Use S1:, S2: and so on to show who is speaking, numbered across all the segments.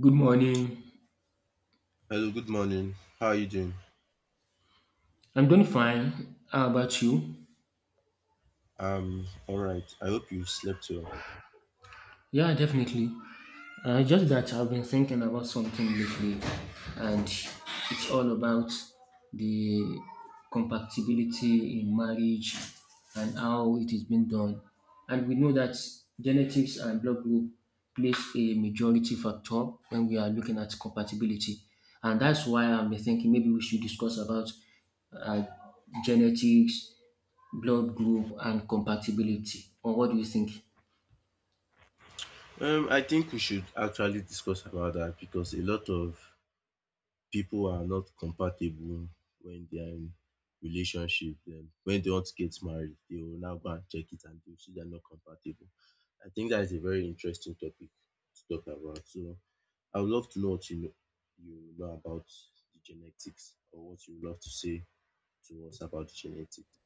S1: Good morning.
S2: Hello, good morning. How are you doing?
S1: I'm doing fine. How about you?
S2: All right. I hope you slept well.
S1: Yeah, definitely. Just that I've been thinking about something lately, and it's all about the compatibility in marriage and how it is being done. And we know that genetics and blood group plays a majority factor when we are looking at compatibility, and that's why I've been thinking maybe we should discuss about uh, genetics blood group and compatibility, or what do you think?
S2: I think we should actually discuss about that because a lot of people are not compatible when they are in relationship. Then when they want to get married, they will now go and check it and they'll see they're not compatible. I think that is a very interesting topic to talk about. So I would love to know what you know about the genetics or what you would love to say to us about the genetics.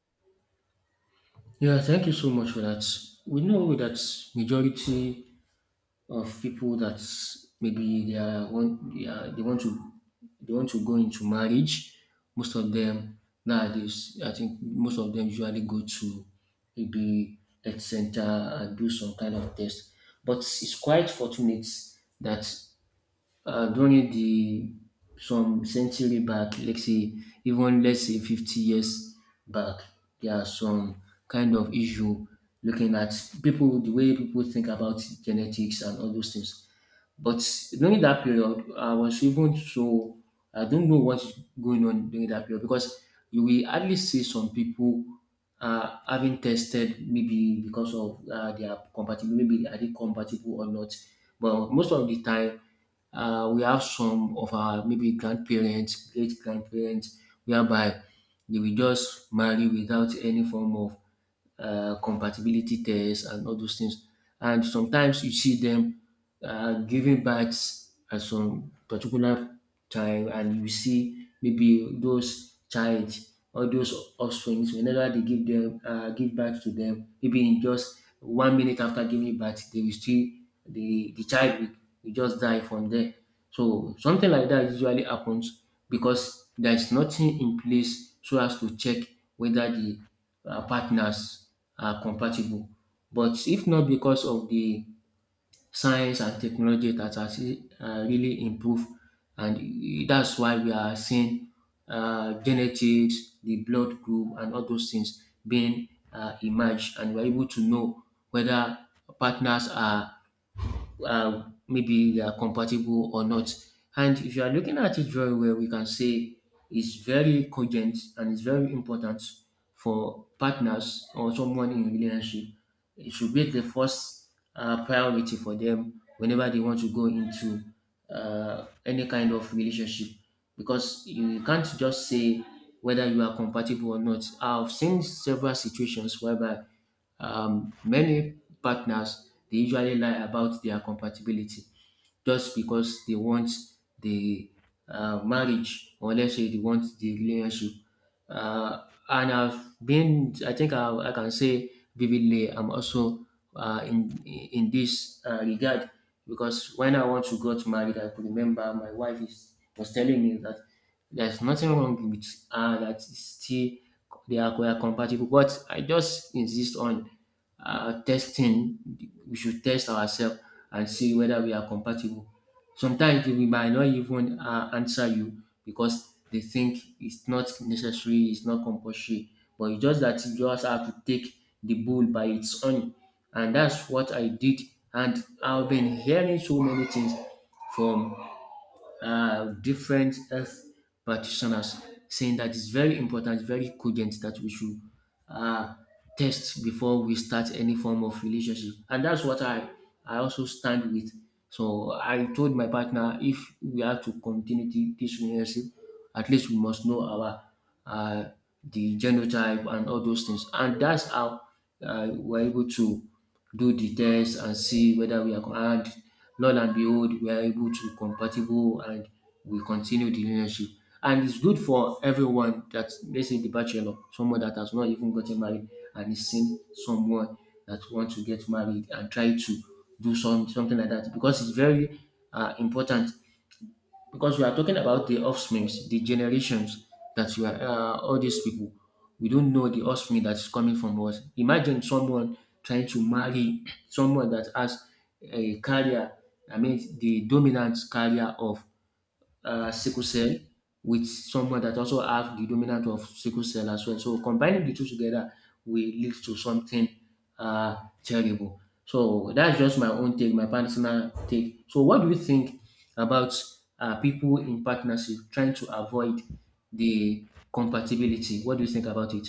S1: Yeah, thank you so much for that. We know that majority of people that maybe they are want they, are, they want to go into marriage. Most of them nowadays, I think most of them usually go to maybe health center and do some kind of test. But it's quite fortunate that during the some century back, let's say even let's say 50 years back, there are some kind of issue looking at people the way people think about genetics and all those things. But during that period, I was even so I don't know what's going on during that period, because you will hardly see some people having tested maybe because of their compatibility, maybe are they compatible or not. But most of the time, we have some of our maybe grandparents, great grandparents, whereby they will just marry without any form of compatibility test and all those things. And sometimes you see them giving birth at some particular time, and you see maybe those child, all those offspring, whenever they give them give birth to them, maybe in just 1 minute after giving birth they will still the child will just die from there. So something like that usually happens, because there is nothing in place so as to check whether the partners are compatible. But if not because of the science and technology that has really improved, and that's why we are seeing genetics, the blood group, and all those things being emerged, and we're able to know whether partners are maybe they are compatible or not. And if you are looking at it very well, we can say it's very cogent and it's very important for partners or someone in relationship. It should be the first priority for them whenever they want to go into any kind of relationship, because you can't just say whether you are compatible or not. I've seen several situations whereby many partners they usually lie about their compatibility just because they want the marriage, or let's say they want the relationship. Uh, and I think I can say vividly, I'm also in this regard, because when I want to got married, I could remember my wife was telling me that there's nothing wrong with that is still they are compatible, but I just insist on testing. We should test ourselves and see whether we are compatible. Sometimes we might not even answer you because they think it's not necessary, it's not compulsory. But it's just that you just have to take the bull by its own, and that's what I did. And I've been hearing so many things from different health practitioners saying that it's very important, very cogent that we should uh, test before we start any form of relationship. And that's what I also stand with. So I told my partner, if we have to continue this relationship, at least we must know our uh, the genotype and all those things. And that's how we're able to do the test and see whether we are co- and lo and behold, we are able to compatible, and we continue the relationship. And it's good for everyone, that let's say the bachelor, someone that has not even gotten married and is seeing someone that wants to get married, and try to do something like that, because it's very important, because we are talking about the offspring, the generations that all these people, we don't know the offspring that is coming from us. Imagine someone trying to marry someone that has a career, I mean, the dominant career of sickle cell with someone that also have the dominant of sickle cell as well. So combining the two together will lead to something uh, terrible. So that's just my own take, my personal take. So what do you think about people in partnership trying to avoid the compatibility? What do you think about it?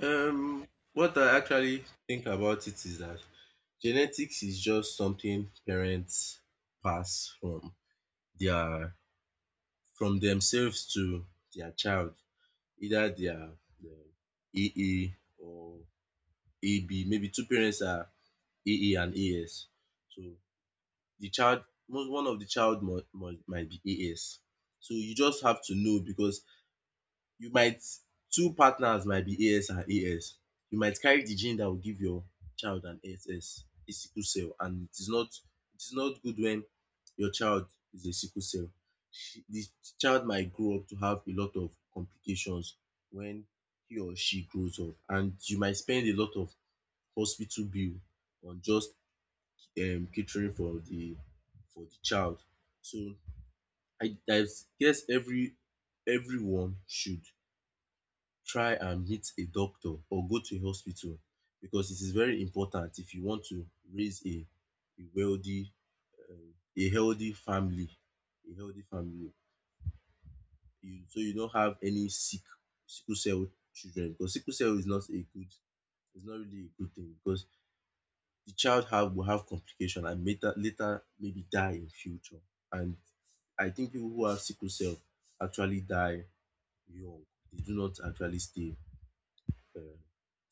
S2: Um, what I actually think about it is that genetics is just something parents pass from their from themselves to their child, either their AA or AB. Maybe two parents are AA and AS. So the child, one of the child might be AS. So you just have to know because you might two partners might be AS and AS. You might carry the gene that will give your child an SS, sickle cell, and it is not good when your child is a sickle cell. She the child might grow up to have a lot of complications when he or she grows up, and you might spend a lot of hospital bill on just catering for the child. So I guess everyone should try and meet a doctor or go to a hospital because it is very important if you want to raise a wealthy um a healthy family a healthy family you so you don't have any sickle cell children because sickle cell is not a good it's not really a good thing because the child have will have complication and later maybe die in future and I think people who have sickle cell actually die young. They do not actually stay uh,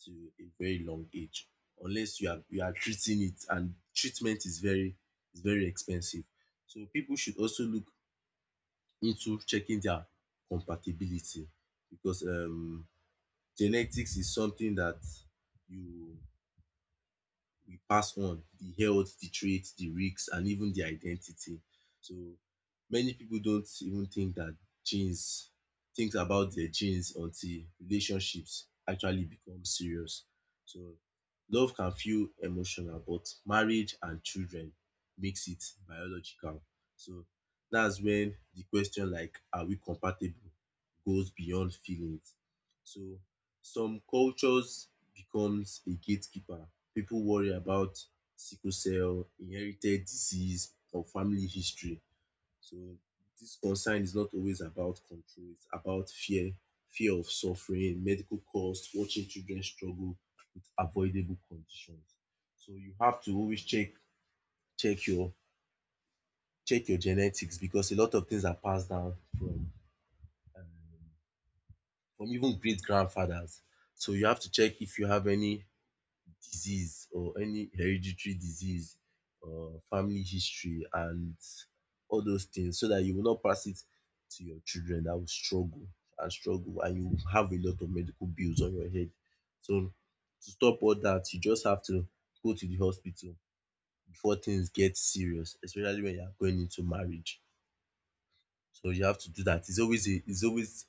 S2: to a very long age unless you are treating it, and treatment is very expensive. So people should also look into checking their compatibility because genetics is something that you we pass on the health, the traits, the risks, and even the identity. So many people don't even think that genes think about their genes until relationships actually become serious. So love can feel emotional, but marriage and children makes it biological. So that's when the question like are we compatible goes beyond feelings. So some cultures becomes a gatekeeper. People worry about sickle cell, inherited disease, or family history. So this concern is not always about control, it's about fear, fear of suffering, medical costs, watching children struggle with avoidable conditions. So you have to always check check your check your genetics because a lot of things are passed down um from even great grandfathers. So you have to check if you have any disease or any hereditary disease or family history and all those things so that you will not pass it to your children that will struggle, and you will have a lot of medical bills on your head. So to stop all that, you just have to go to the hospital before things get serious, especially when you are going into marriage. So you have to do that. It's always a it's always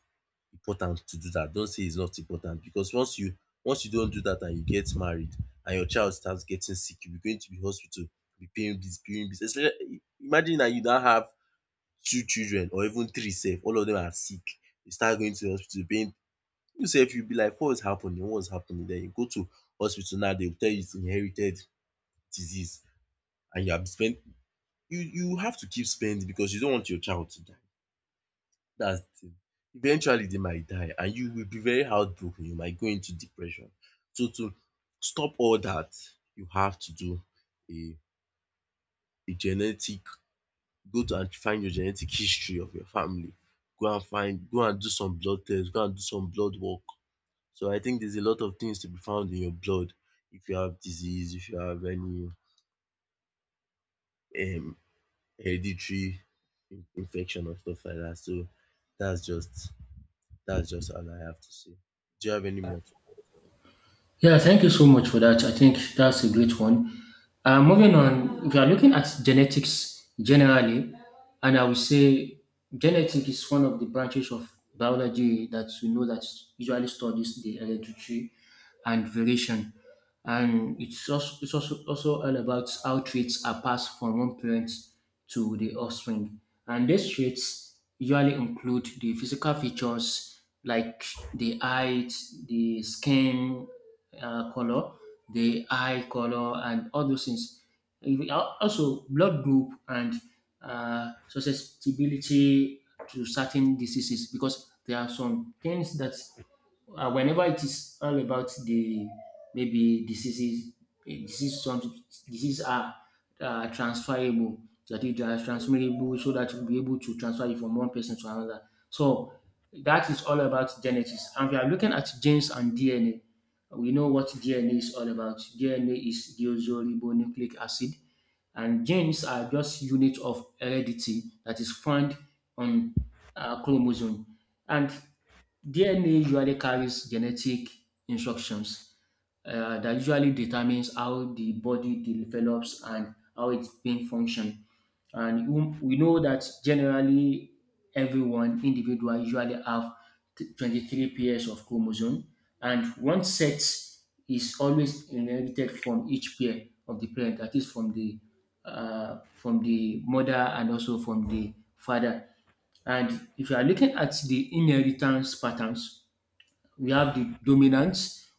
S2: important to do that. Don't say it's not important because once you don't do that and you get married and your child starts getting sick, you'll be going to the hospital, be paying bills, paying bills. Especially imagine that you now have two children or even three sef, all of them are sick. You start going to the hospital paying, you sef you be like what is happening? What is happening? Then you go to hospital now they will tell you it's inherited disease, and you have spent you you have to keep spending because you don't want your child to die. That's the thing. Eventually they might die and you will be very heartbroken, you might go into depression. So to stop all that, you have to do a a genetic, go to and find your genetic history of your family. Go and do some blood tests. Go and do some blood work. So I think there's a lot of things to be found in your blood. If you have disease, if you have any um hereditary infection or stuff like that. So that's just that's just all I have to say. Do you have any more to?
S1: Yeah, thank you so much for that. I think that's a great one. Moving on, if you are looking at genetics generally, and I would say genetics is one of the branches of biology that we know that usually studies the heredity and variation, and it's also also all about how traits are passed from one parent to the offspring. And these traits usually include the physical features like the height, the skin color, the eye color, and all those things. Also, blood group and susceptibility to certain diseases, because there are some things that whenever it is all about the maybe diseases, eh, disease some diseases are transferable. That it is transmittable, so that you'll be able to transfer it from one person to another. So that is all about genetics. And we are looking at genes and DNA. We know what DNA is all about. DNA is deoxyribonucleic acid, and genes are just units of heredity that is found on chromosome. And DNA usually carries genetic instructions that usually determines how the body develops and how its brain function. And we know that generally everyone, individual, usually have 23 pairs of chromosome, and one set is always inherited from each pair of the parent, that is from the mother and also from the father. And if you are looking at the inheritance patterns, we have the dominant,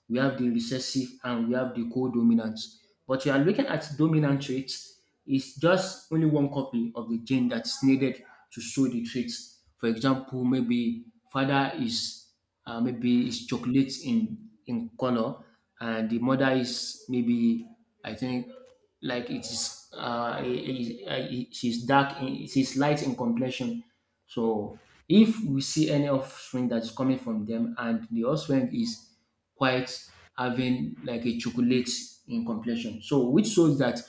S1: we have the recessive, and we have the co-dominant. But you are looking at dominant traits, it's just only one copy of the gene that's needed to show the traits. For example, maybe father is maybe is chocolate in color, and the mother is maybe, I think, like it is she's light in complexion, so if we see any offspring that is coming from them, and the offspring is quite having like a chocolate in complexion, so which shows that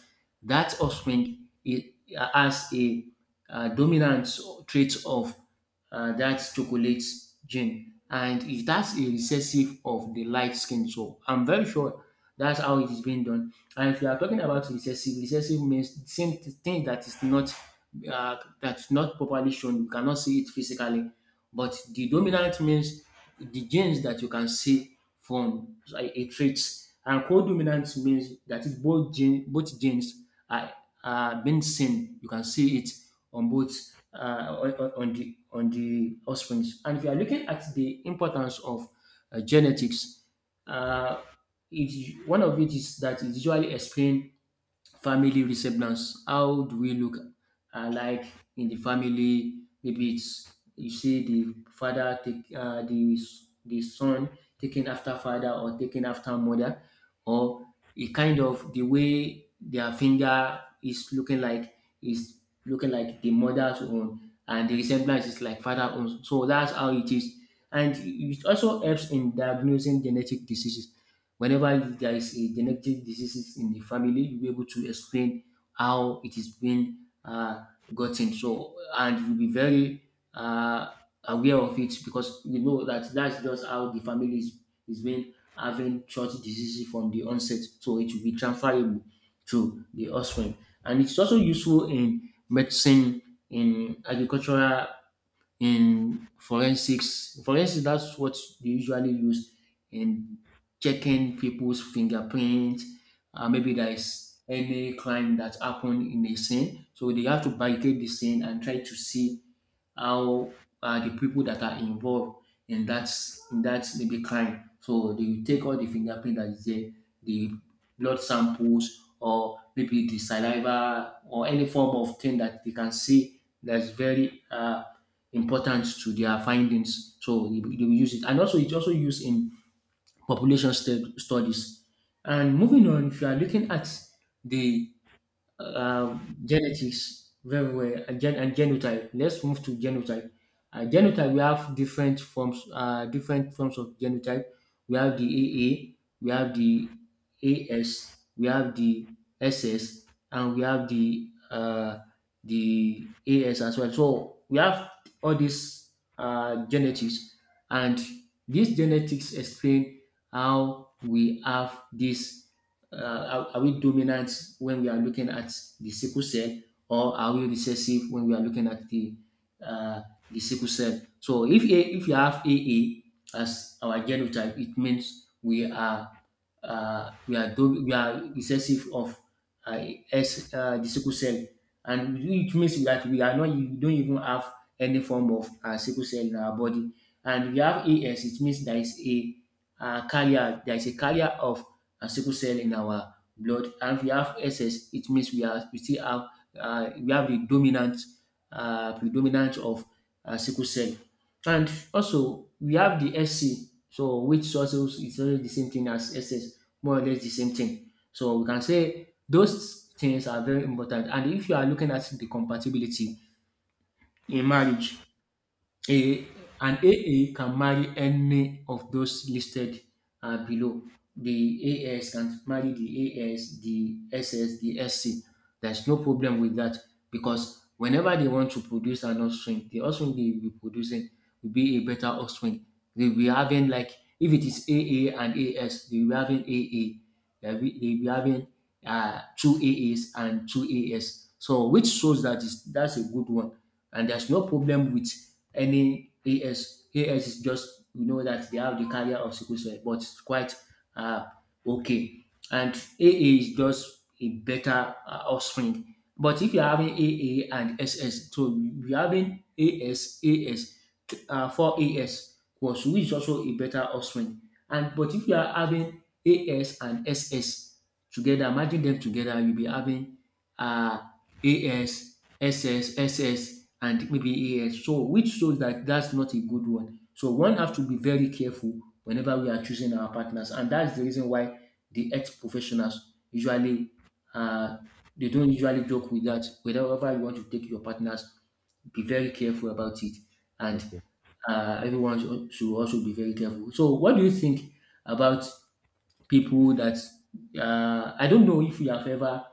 S1: that offspring it has a dominant trait of that's chocolate gene, and it that's a recessive of the light skin, so I'm very sure that's how it is being done. And if you are talking about recessive, means the same thing, that is not uh, that's not properly shown, you cannot see it physically, but the dominant means the genes that you can see from a trait, and co-dominant means that is both genes are, are being seen, you can see it on both on the offspring. And if you are looking at the importance of genetics, uh, it, one of it is that it usually explain family resemblance. How do we look alike in the family? Maybe it's you see the father take the son taking after father or taking after mother, or a kind of the way their finger is looking like the mother's own, and the resemblance is like father own. So that's how it is, and it also helps in diagnosing genetic diseases. Whenever there is a genetic diseases in the family, you'll be able to explain how it is being uh, gotten. So, and you'll be very aware of it because you know that that's just how the family is being having short diseases from the onset. So it will be transferable to the offspring. And it's also useful in medicine, in agricultural, in forensics, that's what they usually use in checking people's fingerprint. Maybe there is any crime that happened in a scene, so they have to barricade the scene and try to see how the people that are involved in that maybe crime. So they will take all the fingerprint that is there, the blood samples, or maybe the saliva, or any form of thing that they can see that's very important to their findings. So they will use it, and also it's also used in population studies. And moving on, if you are looking at the uh, genetics very well, and genotype. Let's move to genotype. Genotype we have different forms of genotype. We have the AA, we have the AS, we have the SS, and we have the AS as well. So we have all these genetics, and these genetics explain how we have this are we dominant when we are looking at the sickle cell, or are we recessive when we are looking at uh, the sickle cell. So if if you have aa as our genotype, it means we are we are recessive of uh, the sickle cell, and it means that we are not we don't even have any form of sickle cell in our body. And if you have AS, it means there is a carrier of sickle cell in our blood. And if you have SS, it means we still have we have the dominant predominance of sickle cell. And also, we have the SC, so which also is also the same thing as SS, more or less the same thing. So we can say those things are very important. And if you are looking at the compatibility in marriage, an A can marry any of those listed below. The AS can marry the AS, the S S, the SC. There's no problem with that because whenever they want to produce an offspring, the offspring they will be producing will be a better offspring. They will be having, like, if it is A and AS, they will be having A. They will be having two A S and two AS. So which shows that is that's a good one, and there's no problem with any AS. AS is just, we know that they have the carrier of sickle cell, but it's quite uh, okay. And AA is just a better offspring. But if you're having AA and SS, so you're having AS, AS, 4 AS, was which is also a better offspring. And but if you are having AS and SS together, imagine them together, you'll be having uh, AS, SS, SS, and maybe AS. So, which shows that that's not a good one. So, one has to be very careful whenever we are choosing our partners, and that's the reason why the ex professionals usually uh, they don't usually joke with that. Whenever you want to take your partners, be very careful about it, and
S2: Okay.
S1: everyone should also be very careful. So, what do you think about people that, I don't know if you have ever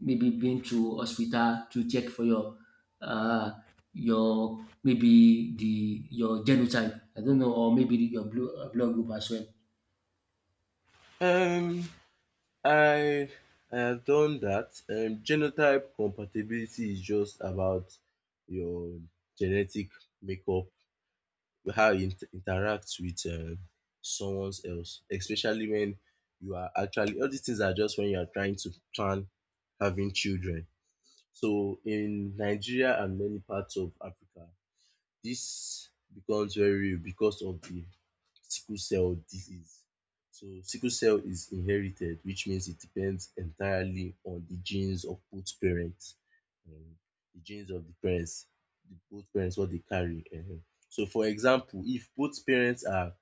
S1: maybe been to hospital to check for uh, your maybe the your genotype? I don't know, or maybe your blood group as well.
S2: Um, I I have done that. Genotype compatibility is just about your genetic makeup, how you interact with someone else, especially when you are actually all these things are just when you are trying to plan having children. So in Nigeria and many parts of Africa, this becomes very real because of the sickle cell disease. So sickle cell is inherited, which means it depends entirely on the genes of both parents. um The genes of the parents, the both parents what they carry. So for example, if both parents are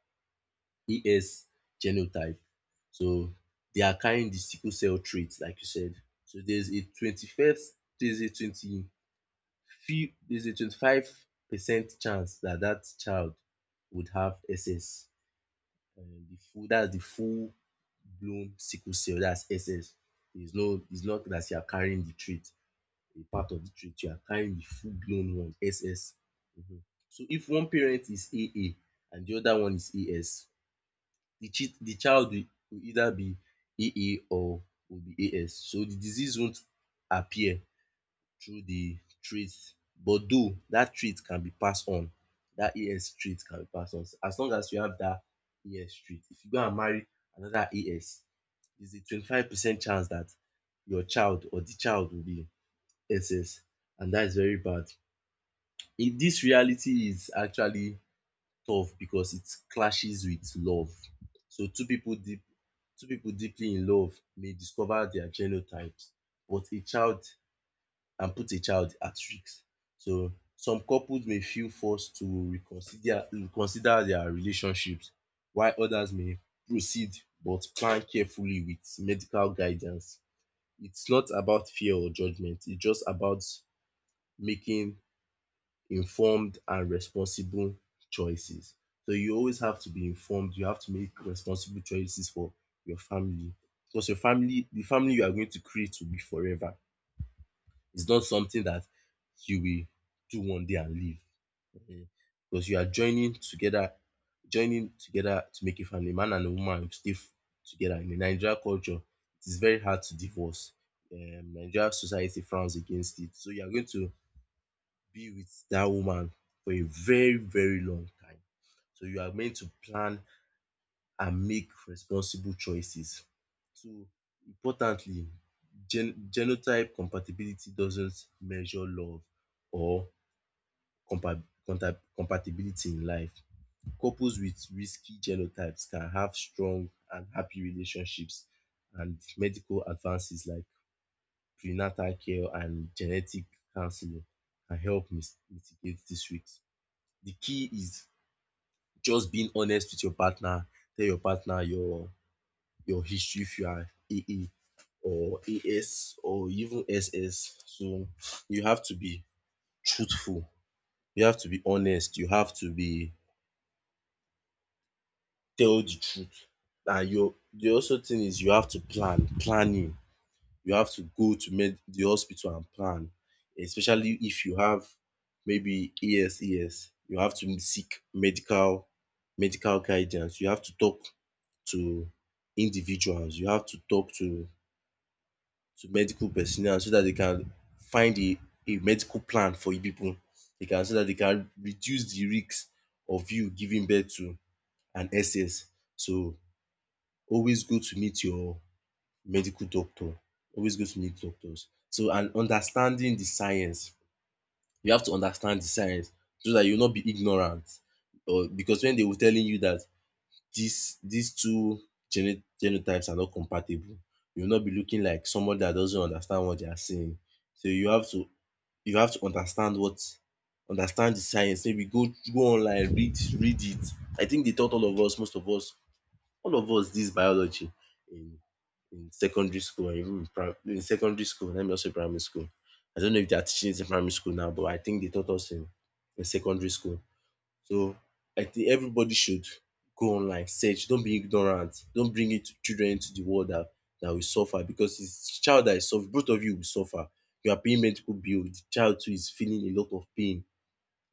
S2: ES genotype, so they are carrying the sickle cell trait like you said. So there's a twenty-first, there's a twenty few there's a 25% chance that that child would have SS. That's the full blown sickle cell, that's SS. There's no, it's not that you are carrying the trait, a part of the trait, you are carrying the full blown one, SS. Mhm. So if one parent is AA and the other one is AS, the child will either be AA or will be AS. So the disease won't appear through the traits, but though that AS trait can be passed on. As long as you have that AS trait, if you go and marry another AS, there's a 25% chance that your child or the child will be SS, and that is very bad. In this reality is actually tough because it clashes with love. So two people deeply in love may discover their genotypes but a child and put a child at risk. So some couples may feel forced to reconsider their relationships while others may proceed but plan carefully with medical guidance. It's not about fear or judgment, it's just about making informed and responsible choices. So you always have to be informed, you have to make responsible choices for your family because your family the family you are going to create will be forever. It's not something that you will do one day and leave. Mhm. Because you are joining together to make a family. Man and a woman will together. In the Nigerian culture, it is very hard to divorce. Nigerian society frowns against it. So you are going to be with that woman for a very, very long time. So you are meant to plan and make responsible choices. So importantly, genotype compatibility doesn't measure love or compa- compatibility in life. Couples with risky genotypes can have strong and happy relationships, and medical advances like prenatal care and genetic counseling can help mitigate this risk. The key is just being honest with your partner. Tell your partner your history if you are AA or AS or even SS. So you have to be truthful, you have to be honest, you have to be tell the truth. And your the also thing is you have to plan, planning. You have to go to med the hospital and plan, especially if you have maybe AS, ES. You have to seek medical guidance. You have to talk to individuals. You have to talk to medical personnel so that they can find a medical plan for you pipu. Dey can so that they can reduce the risks of you giving birth to an excess. So always go to meet your medical doctor, always go to meet doctors. So and understanding the science. You have to understand the science so that you not be ignorant or because when they were telling you that these two genotypes are not compatible, you will not be looking like someone that doesn't understand what they are saying. So you have to understand the science. Maybe go online, read it. I think they taught most of us, all of us this biology in in secondary school and even in, in secondary school. Let me also primary school. I don't know if they are teaching it in primary school now, but I think they taught us in secondary school. So I think everybody should go online, search, don't be ignorant, don't bring it children into the world that that will suffer because it's child that is suffer, both of you will suffer. You are paying medical bill, the child too is feeling a lot of pain,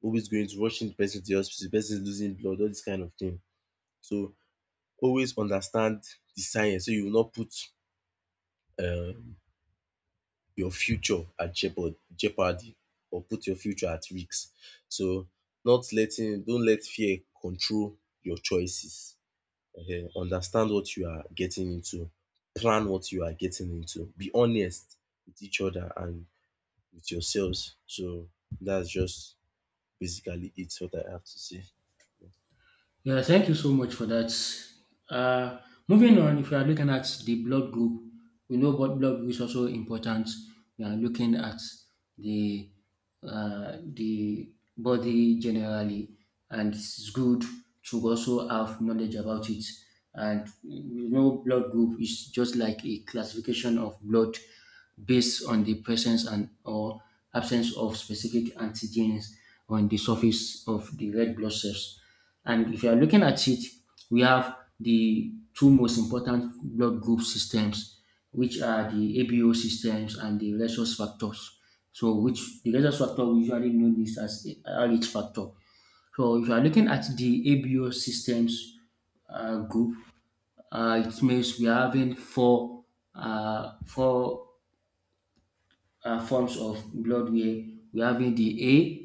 S2: always going to rushing the person to the hospital, the person is losing blood, all this kind of thing. So always understand the science so you will not put um your future at jeopardy or put your future at risk. So not letting don't let fear control your choices. Understand what you are getting into, plan what you are getting into, be honest with each other and with yourselves. So that's just basically it, what I have to say.
S1: Yeah, thank you so much for that. Uh, Moving on, if you are looking at the blood group, we know what blood group is also important. We are looking at the the body generally, and it's good to also have knowledge about it. And we know blood group is just like a classification of blood based on the presence and or absence of specific antigens on the surface of the red blood cells. And if you are looking at it, we have the two most important blood group systems, which are the ABO systems and the rhesus factors. So, which the rhesus factor we usually know this as a RH factor. So, if you are looking at the ABO systems group, it means we are having four forms of blood where we are having the,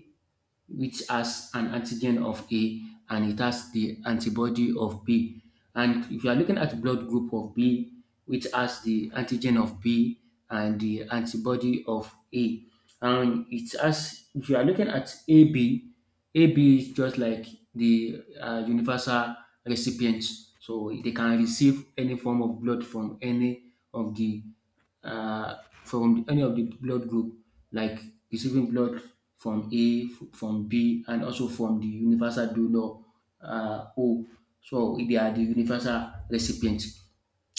S1: which has an antigen of A and it has the antibody of B. And if you are looking at blood group of B, which has the antigen of B and the antibody of A, and it has, if you are looking at AB, AB is just like the universal recipient, so they can receive any form of blood from any of the uh, blood group, like receiving blood from A, from B, and also from the universal donor, O. So they are the universal recipients,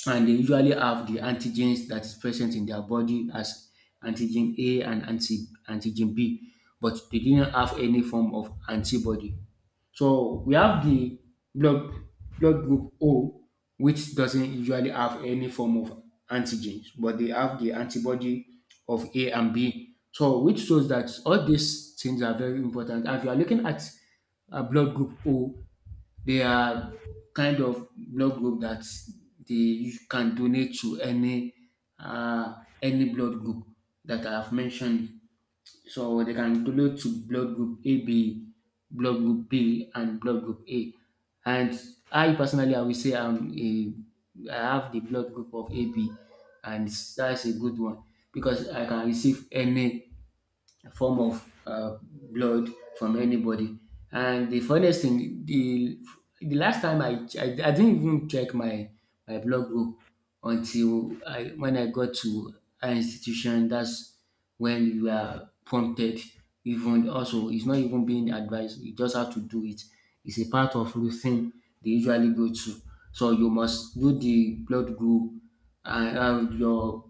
S1: and they usually have the antigens that is present in their body as antigen A and antigen B, but they didn't have any form of antibody. So we have the blood blood group O, which doesn't usually have any form of antigens, but they have the antibody of A and B. So which shows that all these things are very important. And if you are looking at a blood group O, they are kind of blood group that they, you can donate to uh, any blood group that I have mentioned. So they can relate to blood group AB, blood group B, and blood group A. And I personally, I will say I have the blood group of AB, and that's a good one because I can receive any form of blood from anybody. And the funniest thing, the last time I didn't even check my blood group until I when I got to an institution. That's when you are prompted. Even also, it's not even being advised. You just have to do it. It's a part of routine they usually go to. So you must do the blood group and your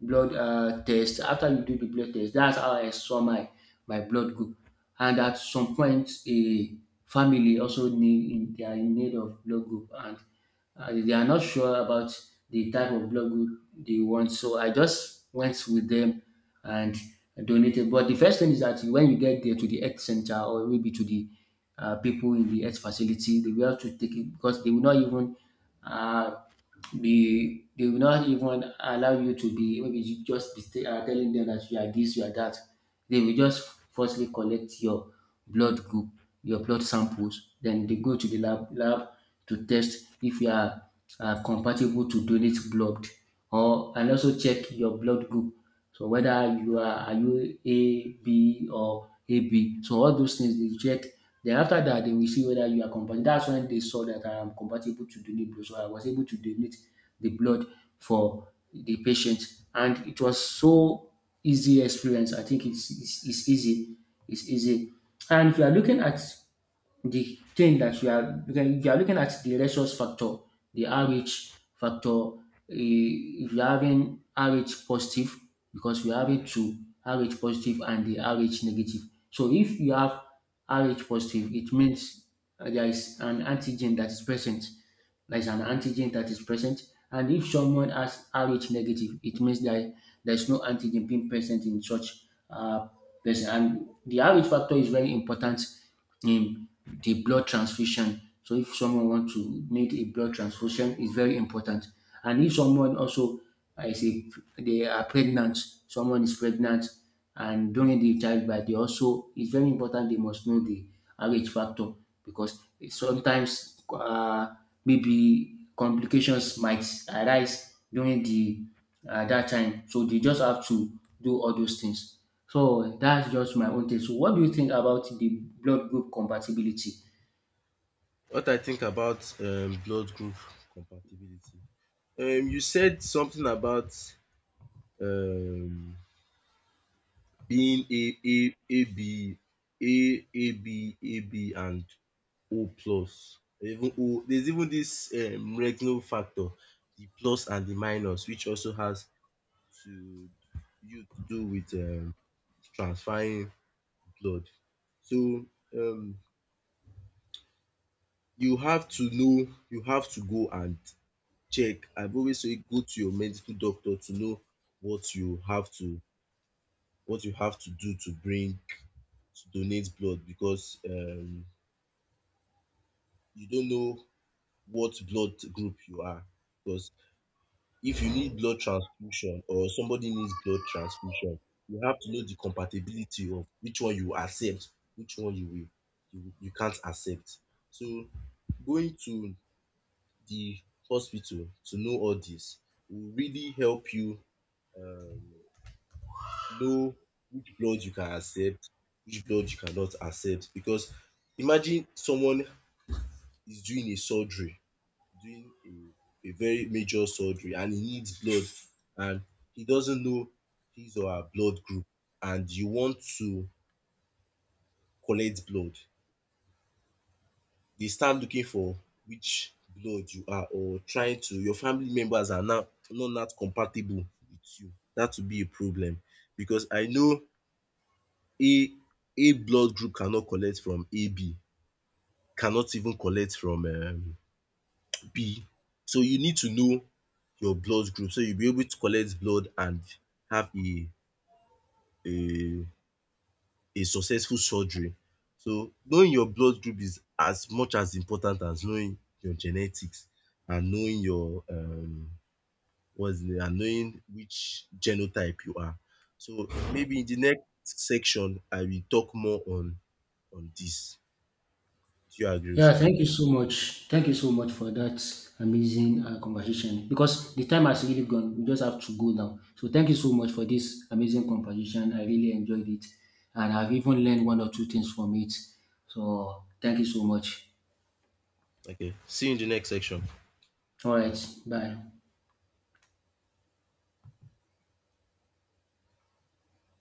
S1: blood test. After you do the blood test, that's how I saw my blood group. And at some point, a family also need in they are in need of blood group, and they are not sure about the type of blood group they want. So I just went with them and donated. But the first thing is that when you get there to the health center, or maybe to the people in the health facility, they will have to take it because they will not even uh, be they will not even allow you to be, maybe you just telling them that you are this, you are that. They will just firstly collect your blood group, your blood samples, then they go to the lab to test if you are compatible to donate blood, or and also check your blood group. So whether you are you AB or AB. So all those things they check. Then after that they will see whether you are compatible. That's when they saw that I am compatible to donate blood. So I was able to donate the blood for the patient, and it was so easy experience. I think it's easy. It's easy. And if you are looking at the thing that you are, if you are looking at the resource factor, the RH factor, eh, if you're having RH positive, because we have it to RH positive and the RH negative. So if you have RH positive, it means there is an antigen that is present. There is an antigen that is present, and if someone has Rh negative, it means that there's no antigen being present in such uh, person. And the Rh factor is very important in the blood transfusion. So if someone wants to need a blood transfusion, it's very important. And if someone also uh, is a, they are pregnant, someone is pregnant, and during the childbirth they also, it's very important they must know the RH factor, because sometimes maybe complications might arise during the dat time, so they just have to do all those things. So that's just my own take. So what do you think about the blood group compatibility?
S2: What I think about blood group compatibility. You said something about um being A B A B A B and O plus. Even O there's even this Regno factor, the plus and the minus, which also has to you to do with transferring blood. So um, you have to know, you have to go and check. I've always say go to your medical doctor to know what you have to what you have to do to bring to donate blood because you don't know what blood group you are. Because if you need blood transfusion or somebody needs blood transfusion, you have to know the compatibility of which one you accept, which one you you can't accept. So going to the hospital to know all this will really help you um know which blood you can accept, which blood you cannot accept because imagine someone is doing a very major surgery and he needs blood and he doesn't know his or her blood group and you want to collect blood, they start looking for which blood you are, or trying to your family members are now not compatible with you. That would be a problem because I know A A blood group cannot collect from AB, cannot even collect from B. So you need to know your blood group so you'll be able to collect blood and have a a successful surgery. So knowing your blood group is as much as important as knowing your genetics and knowing your what's the name and knowing which genotype you are. So maybe in the next section I will talk more on this. Do you agree
S1: Yeah,
S2: with me?
S1: thank you so much. Thank you so much for that amazing conversation, because the time has really gone. We just have to go now. So, thank you so much for this amazing conversation. I really enjoyed it, and I've even learned
S2: Okay.
S1: one or two things from it. So, thank you so much.
S2: Okay. See you in the next section.
S1: All right,
S2: Bye.
S1: bye.